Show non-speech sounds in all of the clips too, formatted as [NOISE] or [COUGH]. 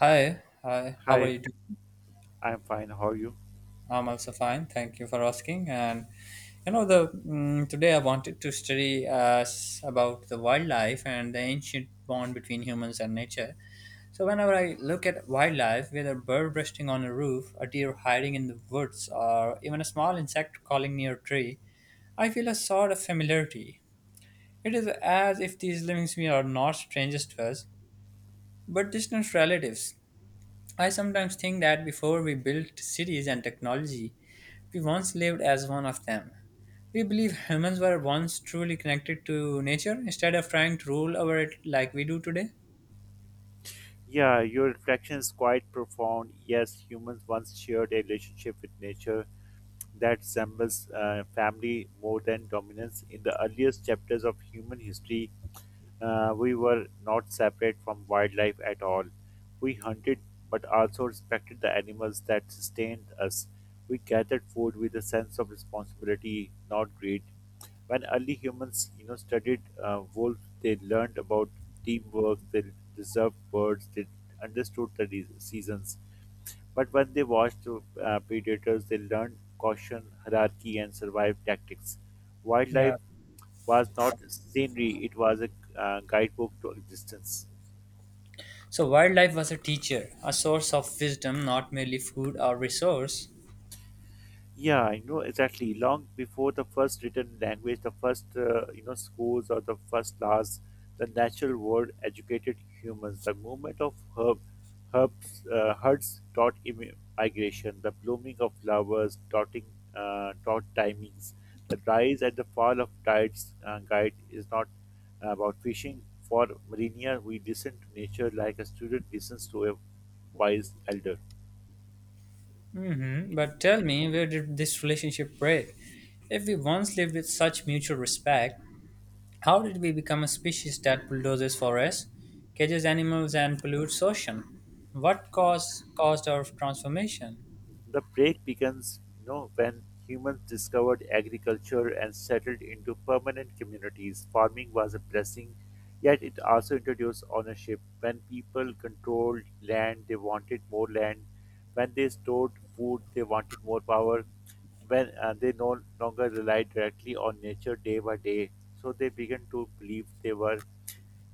Hi, hi. How are Hi, you doing? I'm fine. How are you? I'm also fine. Thank you for asking. And you know, the mm, Today I wanted to study about the wildlife and the ancient bond between humans and nature. So whenever I look at wildlife, whether a bird resting on a roof, a deer hiding in the woods, or even a small insect crawling near a tree, I feel a sort of familiarity. It is as if these living beings are not strangers to us, but distant relatives. I sometimes think that before we built cities and technology, we once lived as one of them. We believe humans were once truly connected to nature instead of trying to rule over it like we do today. Yeah, your reflection is quite profound. Yes, humans once shared a relationship with nature that resembles family more than dominance. In the earliest chapters of human history, we were not separate from wildlife at all. We hunted but also respected the animals that sustained us. We gathered food with a sense of responsibility, not greed. When early humans studied wolves, they learned about teamwork. They observed birds, they understood the seasons. But when they watched predators, they learned caution, hierarchy, and survival tactics. Yeah. Wildlife was not scenery, it was a guidebook to existence. So, wildlife was a teacher, a source of wisdom, not merely food or resource. Yeah, I know exactly. Long before the first written language, the first schools, or the first laws, the natural world educated humans. The movement of herds taught migration. The blooming of flowers taught timings. The rise and the fall of tides guide is not about fishing. For marina. We listen to nature like a student listens to a wise elder. Hmm. But tell me, where did this relationship break? If we once lived with such mutual respect, how did we become a species that bulldozes forests, cages animals, and pollutes ocean? What caused our transformation? The break begins when humans discovered agriculture and settled into permanent communities. Farming was a blessing, yet it also introduced ownership. When people controlled land, they wanted more land. When they stored food, they wanted more power. When they no longer relied directly on nature day by day, so they began to believe they were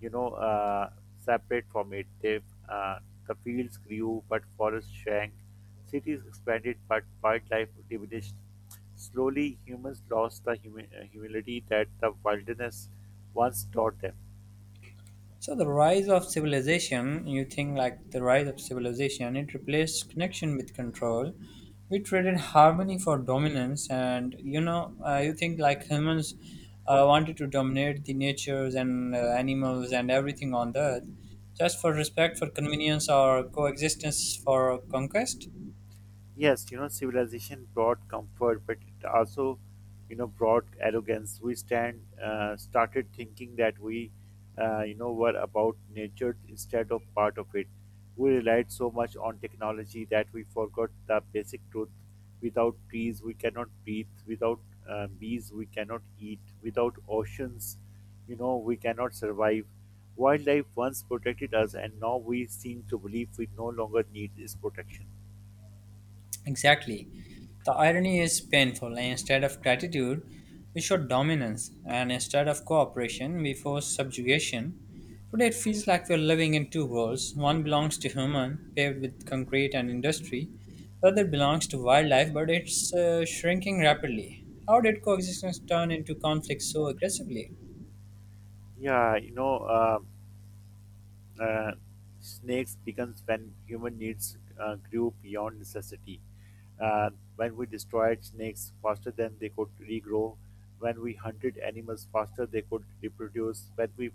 you know uh, separate from it. Uh, the fields grew, but forests shrank. Cities expanded, but wildlife diminished. Slowly, humans lost the humility that the wilderness once taught them. So the rise of civilization, you think like the rise of civilization, it replaced connection with control. We traded harmony for dominance, and you think like humans wanted to dominate the natures and animals and everything on the earth, just for respect, for convenience, or coexistence for conquest. Yes, you know, civilization brought comfort, but it also, you know, brought arrogance. We stand started thinking that we were about nature instead of part of it. We relied so much on technology that we forgot the basic truth. Without trees, we cannot breathe. Without bees, we cannot eat. Without oceans, you know, we cannot survive. Wildlife once protected us, and now we seem to believe we no longer need this protection. Exactly. The irony is painful. Instead of gratitude, we show dominance, and instead of cooperation, we force subjugation. Today, it feels like we're living in two worlds. One belongs to human, paved with concrete and industry. The other belongs to wildlife, but it's shrinking rapidly. How did coexistence turn into conflict so aggressively? Yeah, you know, uh, uh, Snakes begins when human needs grew beyond necessity. And when we destroyed snakes faster than they could regrow, when we hunted animals faster they could reproduce, when we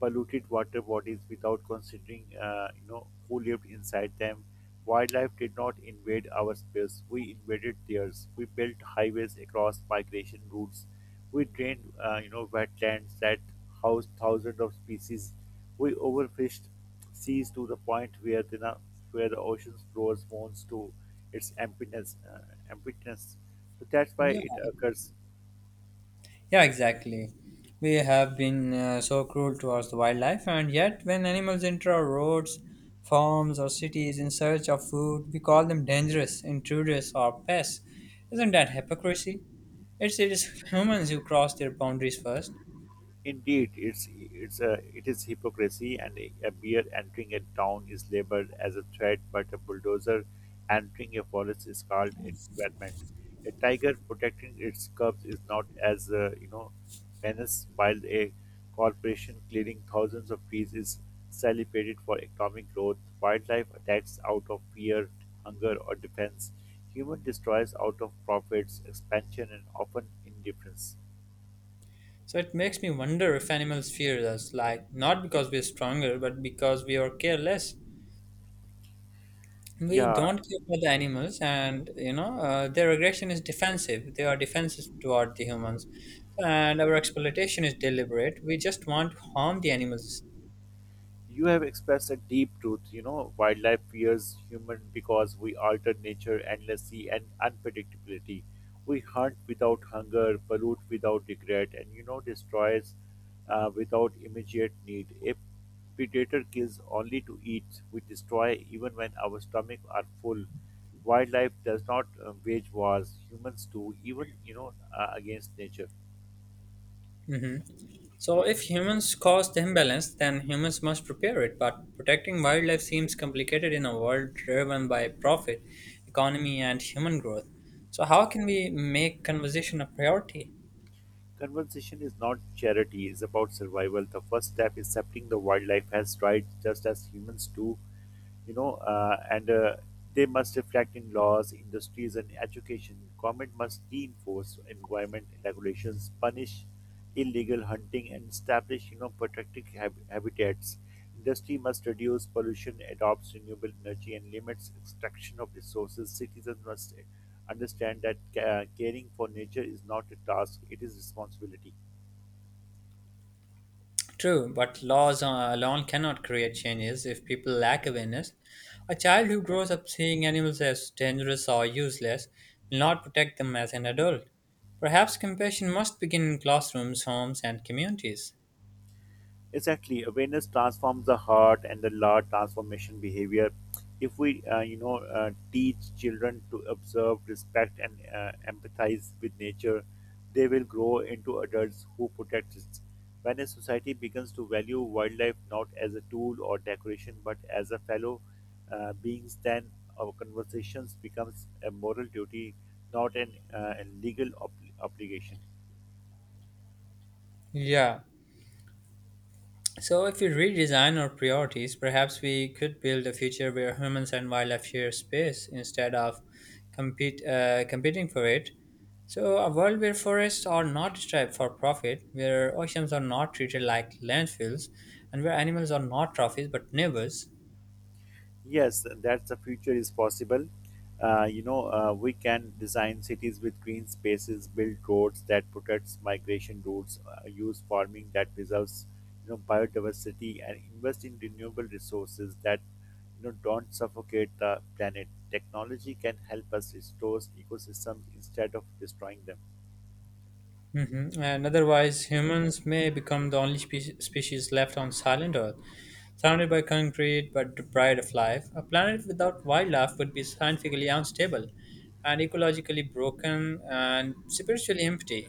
polluted water bodies without considering, who lived inside them, wildlife did not invade our space. We invaded theirs. We built highways across migration routes. We drained, wetlands that housed thousands of species. We overfished seas to the point where where the ocean floors moans to its emptiness. So that's why Yeah. it occurs. Yeah, exactly. We have been so cruel towards the wildlife, and yet, when animals enter our roads, farms, or cities in search of food, we call them dangerous, intruders, or pests. Isn't that hypocrisy? It is humans who cross their boundaries first. Indeed, it is hypocrisy, and a beer entering a town is labeled as a threat, but a bulldozer entering a forest is called environment. A tiger protecting its cubs is not as menace, while a corporation clearing thousands of trees is celebrated for economic growth. Wildlife attacks out of fear, hunger, or defense. Human destroys out of profits, expansion, and often indifference. So it makes me wonder if animals fear us, like not because we're stronger, but because we are careless. We Yeah. don't care for the animals, and their aggression is defensive. They are defensive toward the humans, and our exploitation is deliberate. We just want to harm the animals. You have expressed a deep truth. You know, wildlife fears human because we alter nature endlessly and unpredictability. We hunt without hunger, pollute without regret, and you know, destroys without immediate need. A predator kills only to eat. We destroy even when our stomachs are full. Wildlife does not wage wars. Humans do, even against nature. Hmm. So if humans cause the imbalance, then humans must repair it, but protecting wildlife seems complicated in a world driven by profit, economy, and human growth. So how can we make conservation a priority? Conservation is not charity, it's about survival. The first step is accepting the wildlife has rights just as humans do, you know, and they must reflect in laws, industries, and education. Government must reinforce environment regulations, punish illegal hunting, and establish, you know, protected habitats. Industry must reduce pollution, adopts renewable energy, and limits extraction of resources. Citizens must understand that caring for nature is not a task, it is responsibility. True, but laws alone cannot create changes if people lack awareness. A child who grows up seeing animals as dangerous or useless will not protect them as an adult. Perhaps compassion must begin in classrooms, homes, and communities. Exactly, awareness transforms the heart and the large transformation behavior. If we teach children to observe, respect, and empathize with nature, they will grow into adults who protect it. When a society begins to value wildlife not as a tool or decoration but as a fellow beings, then our conversations becomes a moral duty, not an a legal obligation. Yeah. So, if we redesign our priorities, perhaps we could build a future where humans and wildlife share space instead of competing for it. So, a world where forests are not destroyed for profit, where oceans are not treated like landfills, and where animals are not trophies but neighbors. Yes, that's the future is possible. We can design cities with green spaces, build roads that protects migration routes, use farming that preserves, you know, biodiversity, and invest in renewable resources that, you know, don't suffocate the planet. Technology can help us restore ecosystems instead of destroying them. Hmm. And otherwise, humans may become the only species left on silent Earth, surrounded by concrete but deprived of life. A planet without wildlife would be scientifically unstable and ecologically broken and spiritually empty.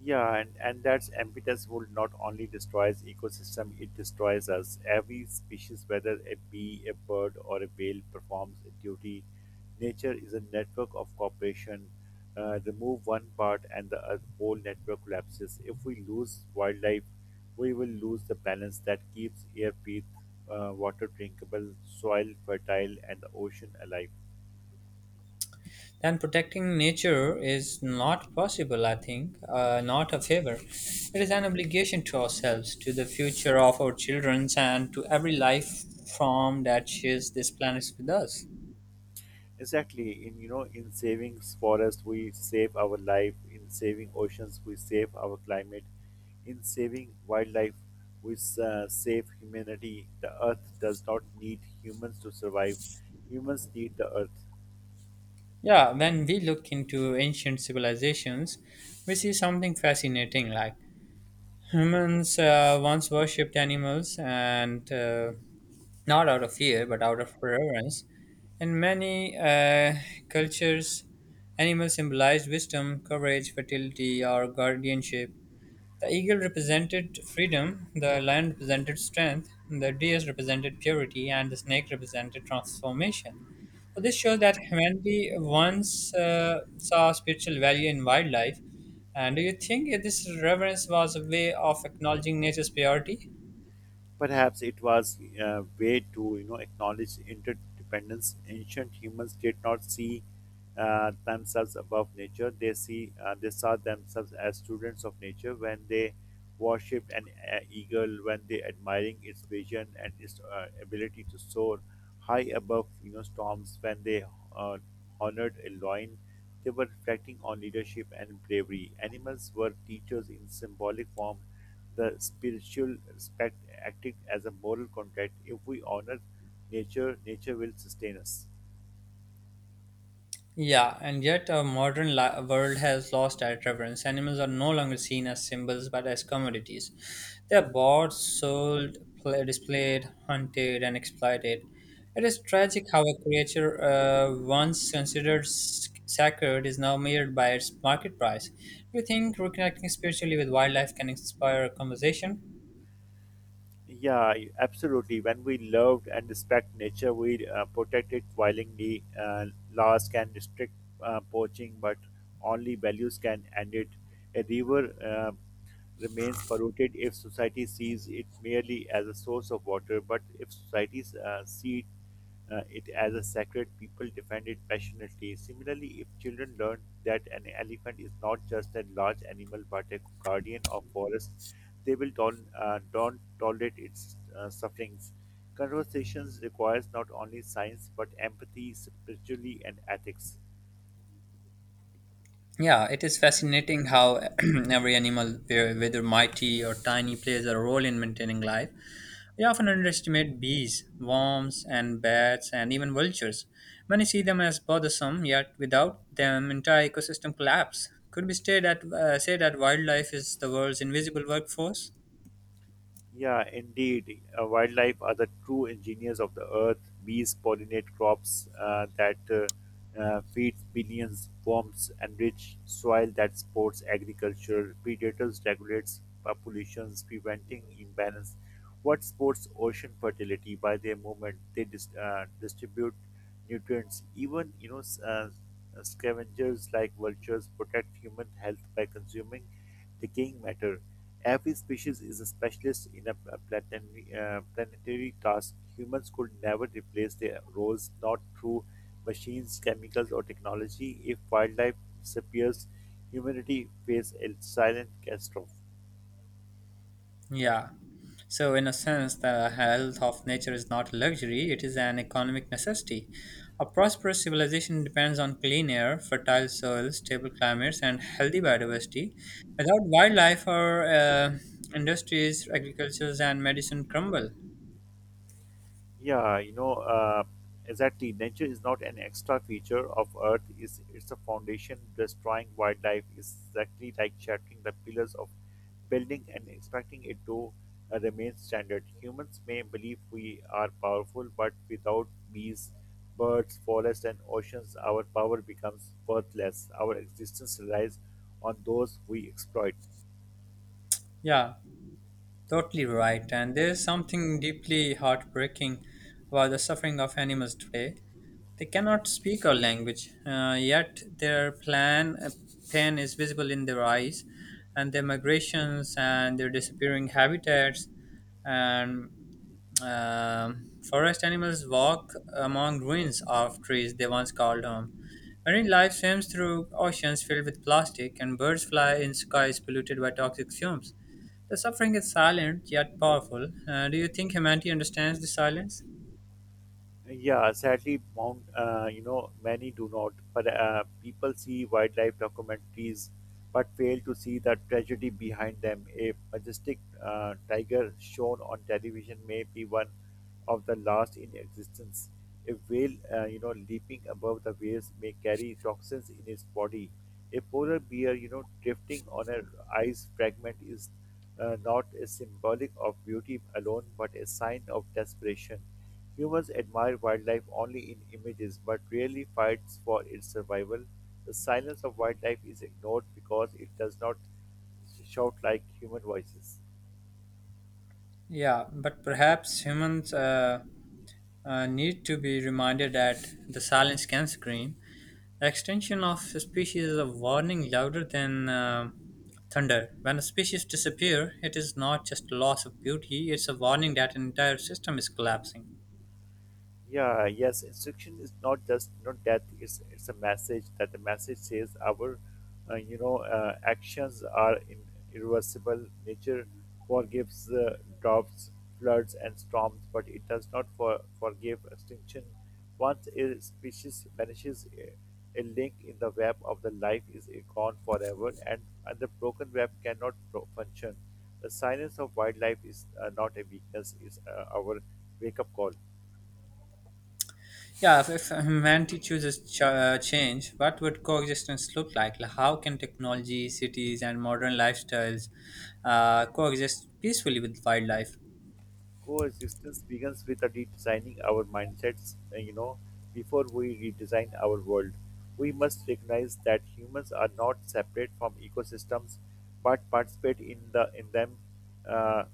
Yeah, and that impetus will not only destroys ecosystem, it destroys us. Every species, whether a bee, a bird, or a whale, performs a duty. Nature is a network of cooperation. Remove one part and the whole network collapses. If we lose wildlife, we will lose the balance that keeps air, breathe, water drinkable, soil fertile, and the ocean alive. Then protecting nature is not possible, I think, not a favor. It is an obligation to ourselves, to the future of our children, and to every life form that shares this planet with us. Exactly. In saving forests, we save our life. In saving oceans, we save our climate. In saving wildlife, we save humanity. The earth does not need humans to survive. Humans need the earth. Yeah, when we look into ancient civilizations, we see something fascinating like humans once worshipped animals and not out of fear but out of reverence. In many cultures, animals symbolized wisdom, courage, fertility, or guardianship. The eagle represented freedom, the lion represented strength, the deer represented purity, and the snake represented transformation. So this shows that humanity once saw spiritual value in wildlife. And do you think this reverence was a way of acknowledging nature's purity? Perhaps it was a way to acknowledge interdependence. Ancient humans did not see themselves above nature. They see they saw themselves as students of nature. When they worshipped an eagle, when they admiring its vision and its ability to soar high above storms, when they uh, honored a lion. They were reflecting on leadership and bravery. Animals were teachers in symbolic form, the spiritual respect acting as a moral contract. If we honor nature, nature will sustain us. Yeah, and yet our modern world has lost that reverence. Animals are no longer seen as symbols but as commodities. They are bought, sold, pla displayed, hunted, and exploited. It is tragic how a creature once considered sacred is now measured by its market price. Do you think reconnecting spiritually with wildlife can inspire a conversation? Yeah, absolutely. When we love and respect nature, we protect it violently. Laws can restrict poaching, but only values can end it. A river remains polluted if society sees it merely as a source of water, but if societies see it as a sacred, people defend it passionately. Similarly, if children learn that an elephant is not just a large animal but a guardian of forest, they will don't tolerate its sufferings. Conversations requires not only science but empathy, spirituality, and ethics. Yeah, it is fascinating how [CLEARS THROAT] every animal, whether mighty or tiny, plays a role in maintaining life. We often underestimate bees, worms, and bats, and even vultures. Many see them as bothersome, yet without them, entire ecosystem collapse. Could we say that wildlife is the world's invisible workforce? Yeah, indeed. Wildlife are the true engineers of the earth. Bees pollinate crops that feeds billions, worms enrich soil that supports agriculture. Predators regulates populations, preventing imbalance. What supports ocean fertility by their movement? They distribute nutrients. Even scavengers like vultures protect human health by consuming decaying matter. Every species is a specialist in a planetary task. Humans could never replace their roles, not through machines, chemicals, or technology. If wildlife disappears, humanity faces a silent catastrophe. Yeah. So, in a sense, the health of nature is not a luxury, it is an economic necessity. A prosperous civilization depends on clean air, fertile soils, stable climates, and healthy biodiversity. Without wildlife, our industries, agricultures, and medicine crumble. Yeah, you know, uh, exactly. Nature is not an extra feature of Earth; is it's a foundation. Destroying wildlife is exactly like shattering the pillars of building and expecting it to remain standard. Humans may believe we are powerful, but without bees, birds, forests, and oceans, our power becomes worthless. Our existence relies on those we exploit. Yeah. Totally right. And there's something deeply heartbreaking about the suffering of animals today. They cannot speak our language, yet their pain is visible in their eyes, and their migrations and their disappearing habitats. And forest animals walk among ruins of trees they once called home. Marine life swims through oceans filled with plastic, and birds fly in skies polluted by toxic fumes. The suffering is silent yet powerful. Do you think humanity understands the silence? Yeah, sadly, many do not. But people see wildlife documentaries, but fail to see the tragedy behind them. A majestic tiger shown on television may be one of the last in existence. A whale, leaping above the waves may carry toxins in its body. A polar bear, you know, drifting on an ice fragment is not a symbolic of beauty alone, but a sign of desperation. Humans admire wildlife only in images but rarely fights for its survival. The silence of wildlife is ignored because it does not shout like human voices. Yeah, but perhaps humans need to be reminded that the silence can scream. The extinction of a species is a warning louder than thunder. When a species disappears, it is not just a loss of beauty; it's a warning that an entire system is collapsing. Yeah, yes, instruction is not just death. It's a message that the message says our actions are in irreversible. Nature forgives droughts, floods, and storms, but it does not forgive extinction. Once a species vanishes, a link in the web of the life is gone forever, and the broken web cannot function. The silence of wildlife is not a weakness; it's our wake-up call. Yeah, if humanity chooses change, what would coexistence look like? Like, how can technology, cities, and modern lifestyles coexist peacefully with wildlife? Coexistence begins with a redesigning our mindsets, before we redesign our world. We must recognize that humans are not separate from ecosystems but participate in them. Uh,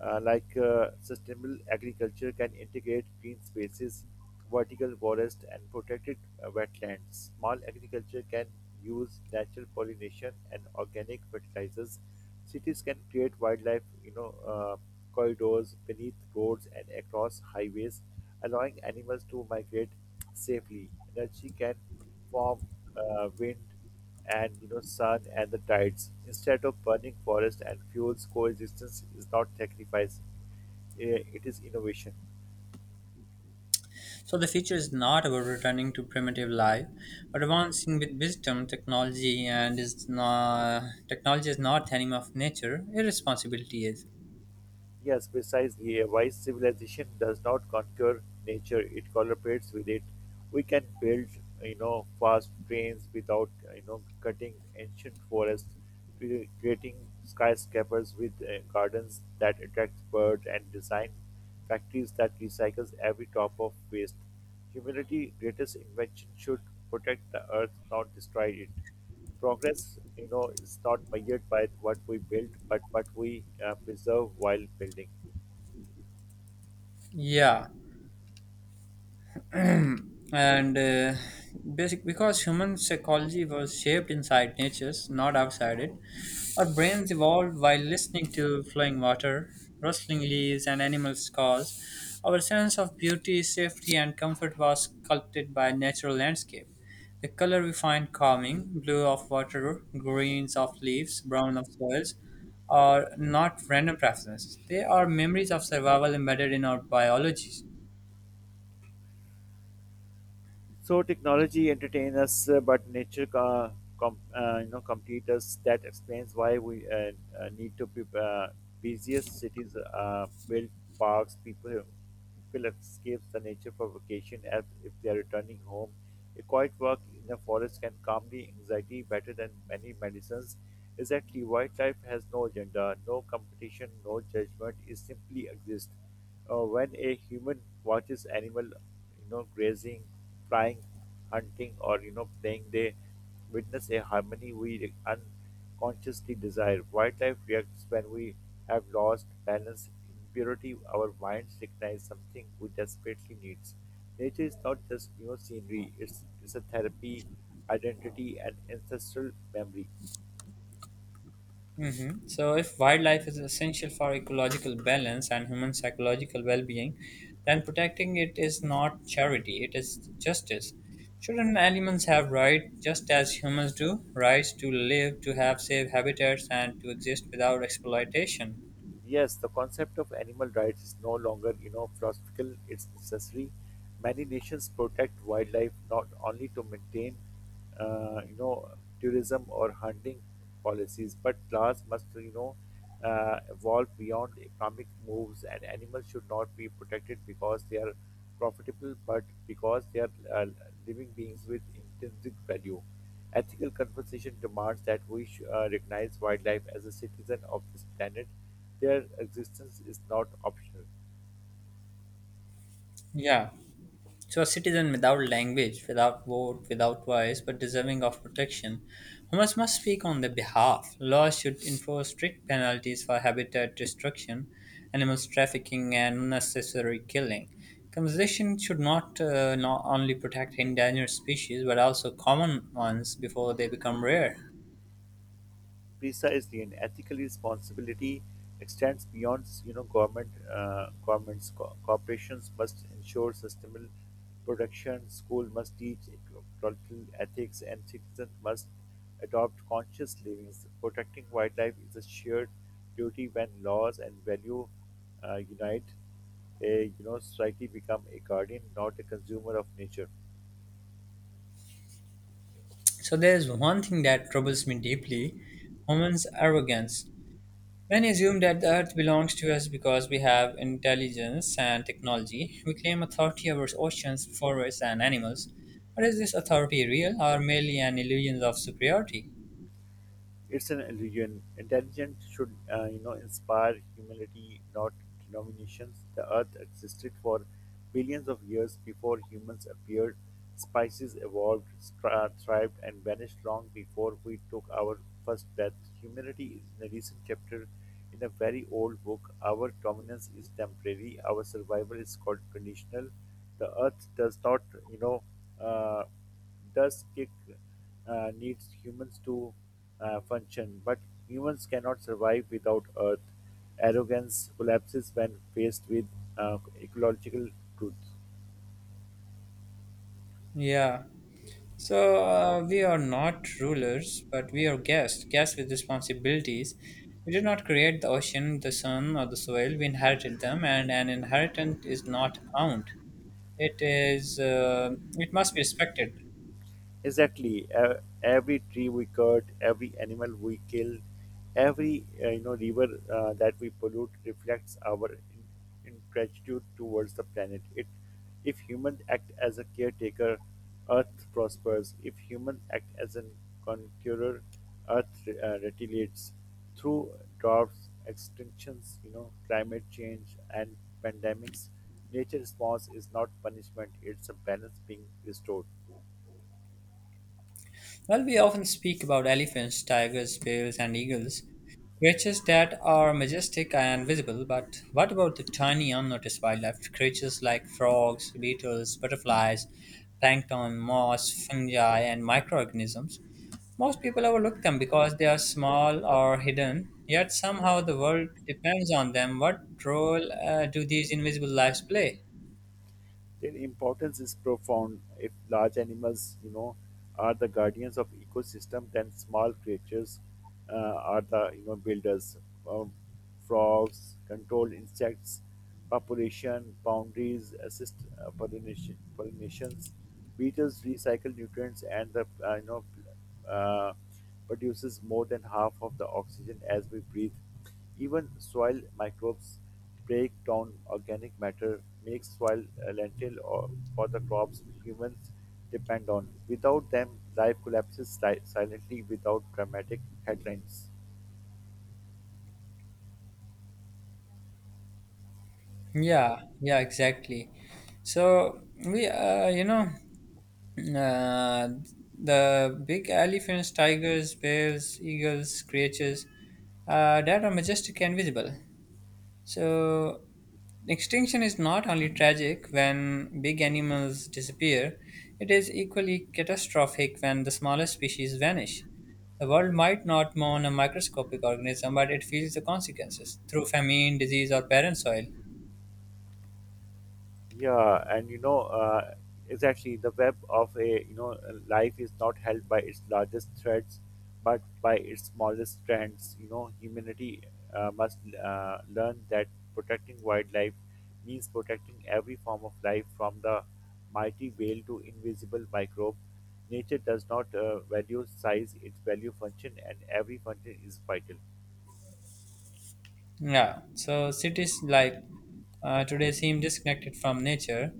Sustainable agriculture can integrate green spaces, vertical forests, and protected wetlands. Small agriculture can use natural pollination and organic fertilizers. Cities can create wildlife, corridors beneath roads and across highways, allowing animals to migrate safely. Energy can form wind and sun and the tides. Instead of burning forests and fuels, coexistence is not sacrifice; it is innovation. So the future is not about returning to primitive life, but advancing with wisdom, technology, and is not technology is not the enemy of nature. Irresponsibility is. Yes, precisely. A wise civilization does not conquer nature; it collaborates with it. We can build, fast trains without, cutting ancient forests, creating skyscrapers with gardens that attract birds, and design factories that recycles every drop of waste. Humanity's greatest invention should protect the earth, not destroy it progress is not measured by what we build but what we preserve while building. Yeah, and basic because human psychology was shaped inside nature, not outside it. Our brains evolved while listening to flowing water, rustling leaves, and animals' calls. Our sense of beauty, safety, and comfort was sculpted by natural landscape. The color we find calming, blue of water, greens of leaves, brown of soils, are not random preferences. They are memories of survival embedded in our biology. So technology entertains us, but nature, complete us. That explains why we need to be busiest cities, build parks. People escape the nature for vacation as if they are returning home. A quiet walk in the forest can calm the anxiety better than many medicines. Exactly, wildlife has no agenda, no competition, no judgment. It simply exists. When a human watches animal grazing, flying, hunting, or playing, they witness a harmony we unconsciously desire. Wildlife reacts when we have lost balance impurity. Our minds recognize something we desperately needs. Nature is not just scenery; it's a therapy, identity, and ancestral memory. Hmm. So, if wildlife is essential for ecological balance and human psychological well being, then protecting it is not charity, it is justice. Shouldn't animals have rights just as humans do? Rights to live, to have safe habitats, and to exist without exploitation? Yes, the concept of animal rights is no longer, philosophical, it's necessary. Many nations protect wildlife not only to maintain, uh, you know, tourism or hunting policies, but laws must, evolve beyond economic moves, and animals should not be protected because they are profitable, but because they are living beings with intrinsic value. Ethical conversation demands that we recognize wildlife as a citizen of this planet. Their existence is not optional. Yeah. So a citizen without language, without vote, without voice, but deserving of protection, humans must speak on their behalf. Laws should enforce strict penalties for habitat destruction, animals trafficking, and unnecessary killing. Conservation should not only protect endangered species but also common ones before they become rare. PISA is an ethical responsibility, extends beyond government governments. Corporations must ensure sustainable production, school must teach ecological ethics, and citizens must adopt conscious living. Protecting wildlife is a shared duty. When laws and value unite, a society become a guardian, not a consumer of nature. So, there's one thing that troubles me deeply: humans' arrogance. When assume that the Earth belongs to us because we have intelligence and technology, we claim authority over oceans, forests, and animals. But is this authority real or merely an illusion of superiority? It's an illusion. Intelligence should, inspire humility, not denominations. The Earth existed for billions of years before humans appeared. Spices evolved, thrived, and vanished long before we took our first breath. Humanity is in a recent chapter in a very old book. Our dominance is temporary. Our survival is called conditional. The earth does not, you know, uh, does kick needs humans to function, but humans cannot survive without earth. Arrogance collapses when faced with ecological truth. Yeah. So we are not rulers, but we are guests, guests with responsibilities. We did not create the ocean, the sun, or the soil. We inherited them, and an inheritance is not owned. It is. It must be respected. Exactly. Every tree we cut, every animal we kill, every river that we pollute reflects our ingratitude towards the planet. It, if humans act as a caretaker, Earth prospers. If humans act as a conqueror, Earth retaliates through droughts, extinctions, climate change, and pandemics. Nature response is not punishment; it's a balance being restored. While we often speak about elephants, tigers, bears, and eagles, creatures that are majestic and visible, but what about the tiny unnoticed wildlife? Creatures like frogs, beetles, butterflies, plankton, moss, fungi, and microorganisms. Most people overlook them because they are small or hidden, yet somehow the world depends on them. What role do these invisible lives play? Their importance is profound. If large animals, are the guardians of ecosystem, then small creatures are the builders. Um, Frogs control insects population boundaries, assist pollinations. Beetles recycle nutrients and the uh, produces more than half of the oxygen as we breathe. Even soil microbes break down organic matter, make soil a lentil or for the crops humans depend on. Without them, life collapses silently without dramatic headlines. Yeah, yeah, exactly. So Uh, the big elephants, tigers, bears, eagles, creatures that are majestic and visible. So, extinction is not only tragic when big animals disappear, it is equally catastrophic when the smallest species vanish. The world might not mourn a microscopic organism, but it feels the consequences through famine, disease, or barren soil. Yeah, and exactly, the web of a life is not held by its largest threads, but by its smallest strands. You know, humanity must learn that protecting wildlife means protecting every form of life, from the mighty whale to invisible microbe. Nature does not value size; it value function, and every function is vital. Yeah, so cities like today seem disconnected from nature: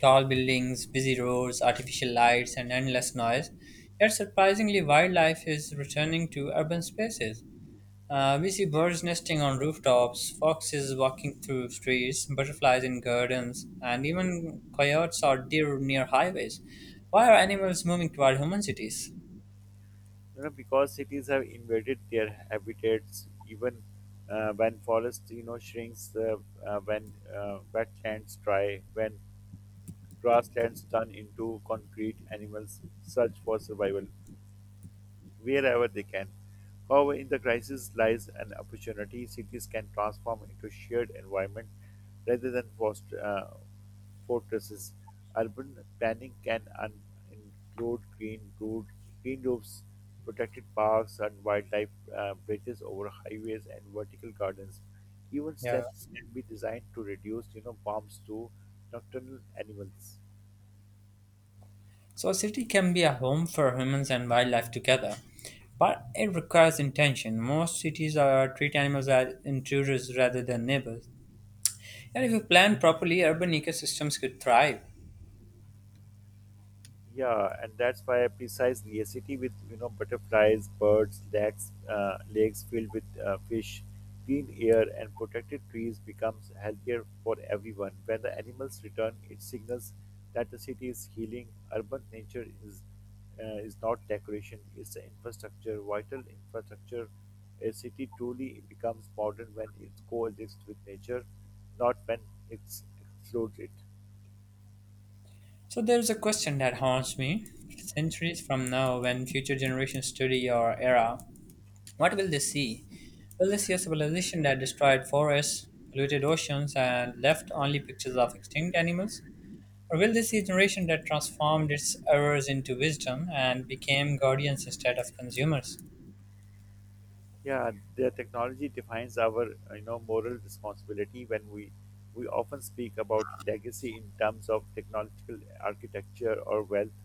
tall buildings, busy roads, artificial lights, and endless noise. Yet surprisingly, wildlife is returning to urban spaces. We see birds nesting on rooftops, foxes walking through streets, butterflies in gardens, and even coyotes or deer near highways. Why are animals moving toward human cities? You know, because cities have invaded their habitats, even when forest shrinks, when wetlands dry, when grasslands turn into concrete, animals search for survival wherever they can. However, in the crisis lies an opportunity. Cities can transform into shared environment rather than fortresses. Urban planning can include green roofs, protected parks, and wildlife bridges over highways, and vertical gardens. Even Yeah. stands can be designed to reduce, bombs to nocturnal animals. So a city can be a home for humans and wildlife together, but it requires intention. Most cities are treat animals as intruders rather than neighbors. And if you plan properly, urban ecosystems could thrive. Yeah, and that's why precisely a city with butterflies, birds, lakes, lakes filled with fish, clean air, and protected trees becomes healthier for everyone. When the animals return, it signals that the city is healing. Urban nature is not decoration; it's the infrastructure, vital infrastructure. A city truly becomes modern when it coexists with nature, not when it excludes it. So there's a question that haunts me. Centuries from now, when future generations study your era, what will they see? Will they see a civilization that destroyed forests, polluted oceans, and left only pictures of extinct animals? Or will they see a generation that transformed its errors into wisdom and became guardians instead of consumers? Yeah, the technology defines our, moral responsibility. When we often speak about legacy in terms of technological architecture or wealth,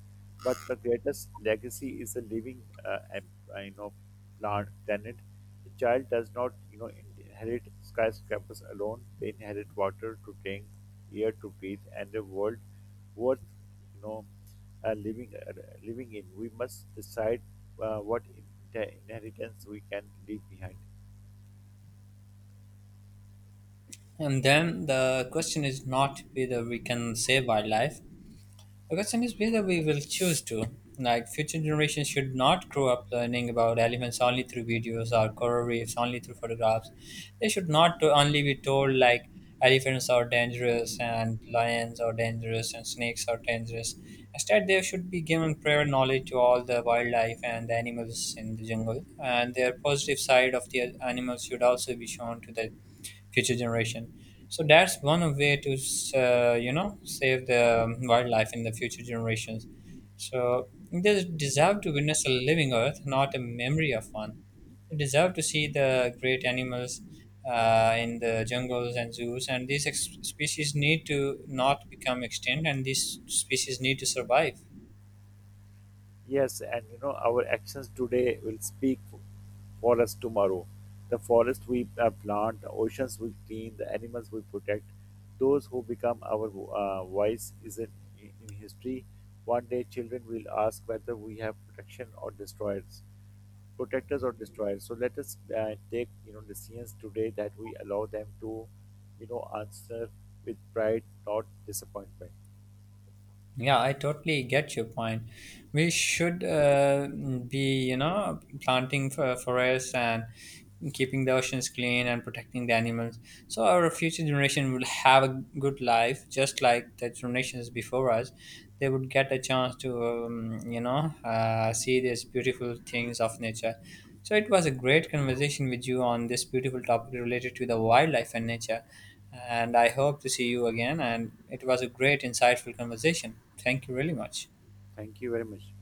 but the greatest legacy is a living, uh, you know, plant planet. The child does not, inherit skyscrapers alone. They inherit water to drink, air to breathe, and a world worth you know uh, living uh, living in. We must decide what inheritance we can leave behind. And then the question is not whether we can save wildlife, the question is whether we will choose to. Like, future generations should not grow up learning about elephants only through videos or coral reefs only through photographs. They should not to only be told, like, elephants are dangerous and lions are dangerous and snakes are dangerous. Instead, they should be given prior knowledge to all the wildlife and the animals in the jungle. And their positive side of the animals should also be shown to the future generation. So that's one of way to save the wildlife in the future generations. So they deserve to witness a living Earth, not a memory of one. They deserve to see the great animals in the jungles and zoos, and these species need to not become extinct, and these species need to survive. Yes, and our actions today will speak for us tomorrow. The forest we plant, the oceans we clean, the animals we protect. Those who become our voice is in history. One day, children will ask whether we have protection or destroyed. Protectors or destroyers. So let us take decisions today that we allow them to answer with pride, not disappointment. Yeah, I totally get your point. We should be planting for forests and keeping the oceans clean and protecting the animals. So our future generation will have a good life, just like the generations before us. They would get a chance to, see these beautiful things of nature. So it was a great conversation with you on this beautiful topic related to the wildlife and nature. And I hope to see you again. And it was a great, insightful conversation. Thank you really much. Thank you very much.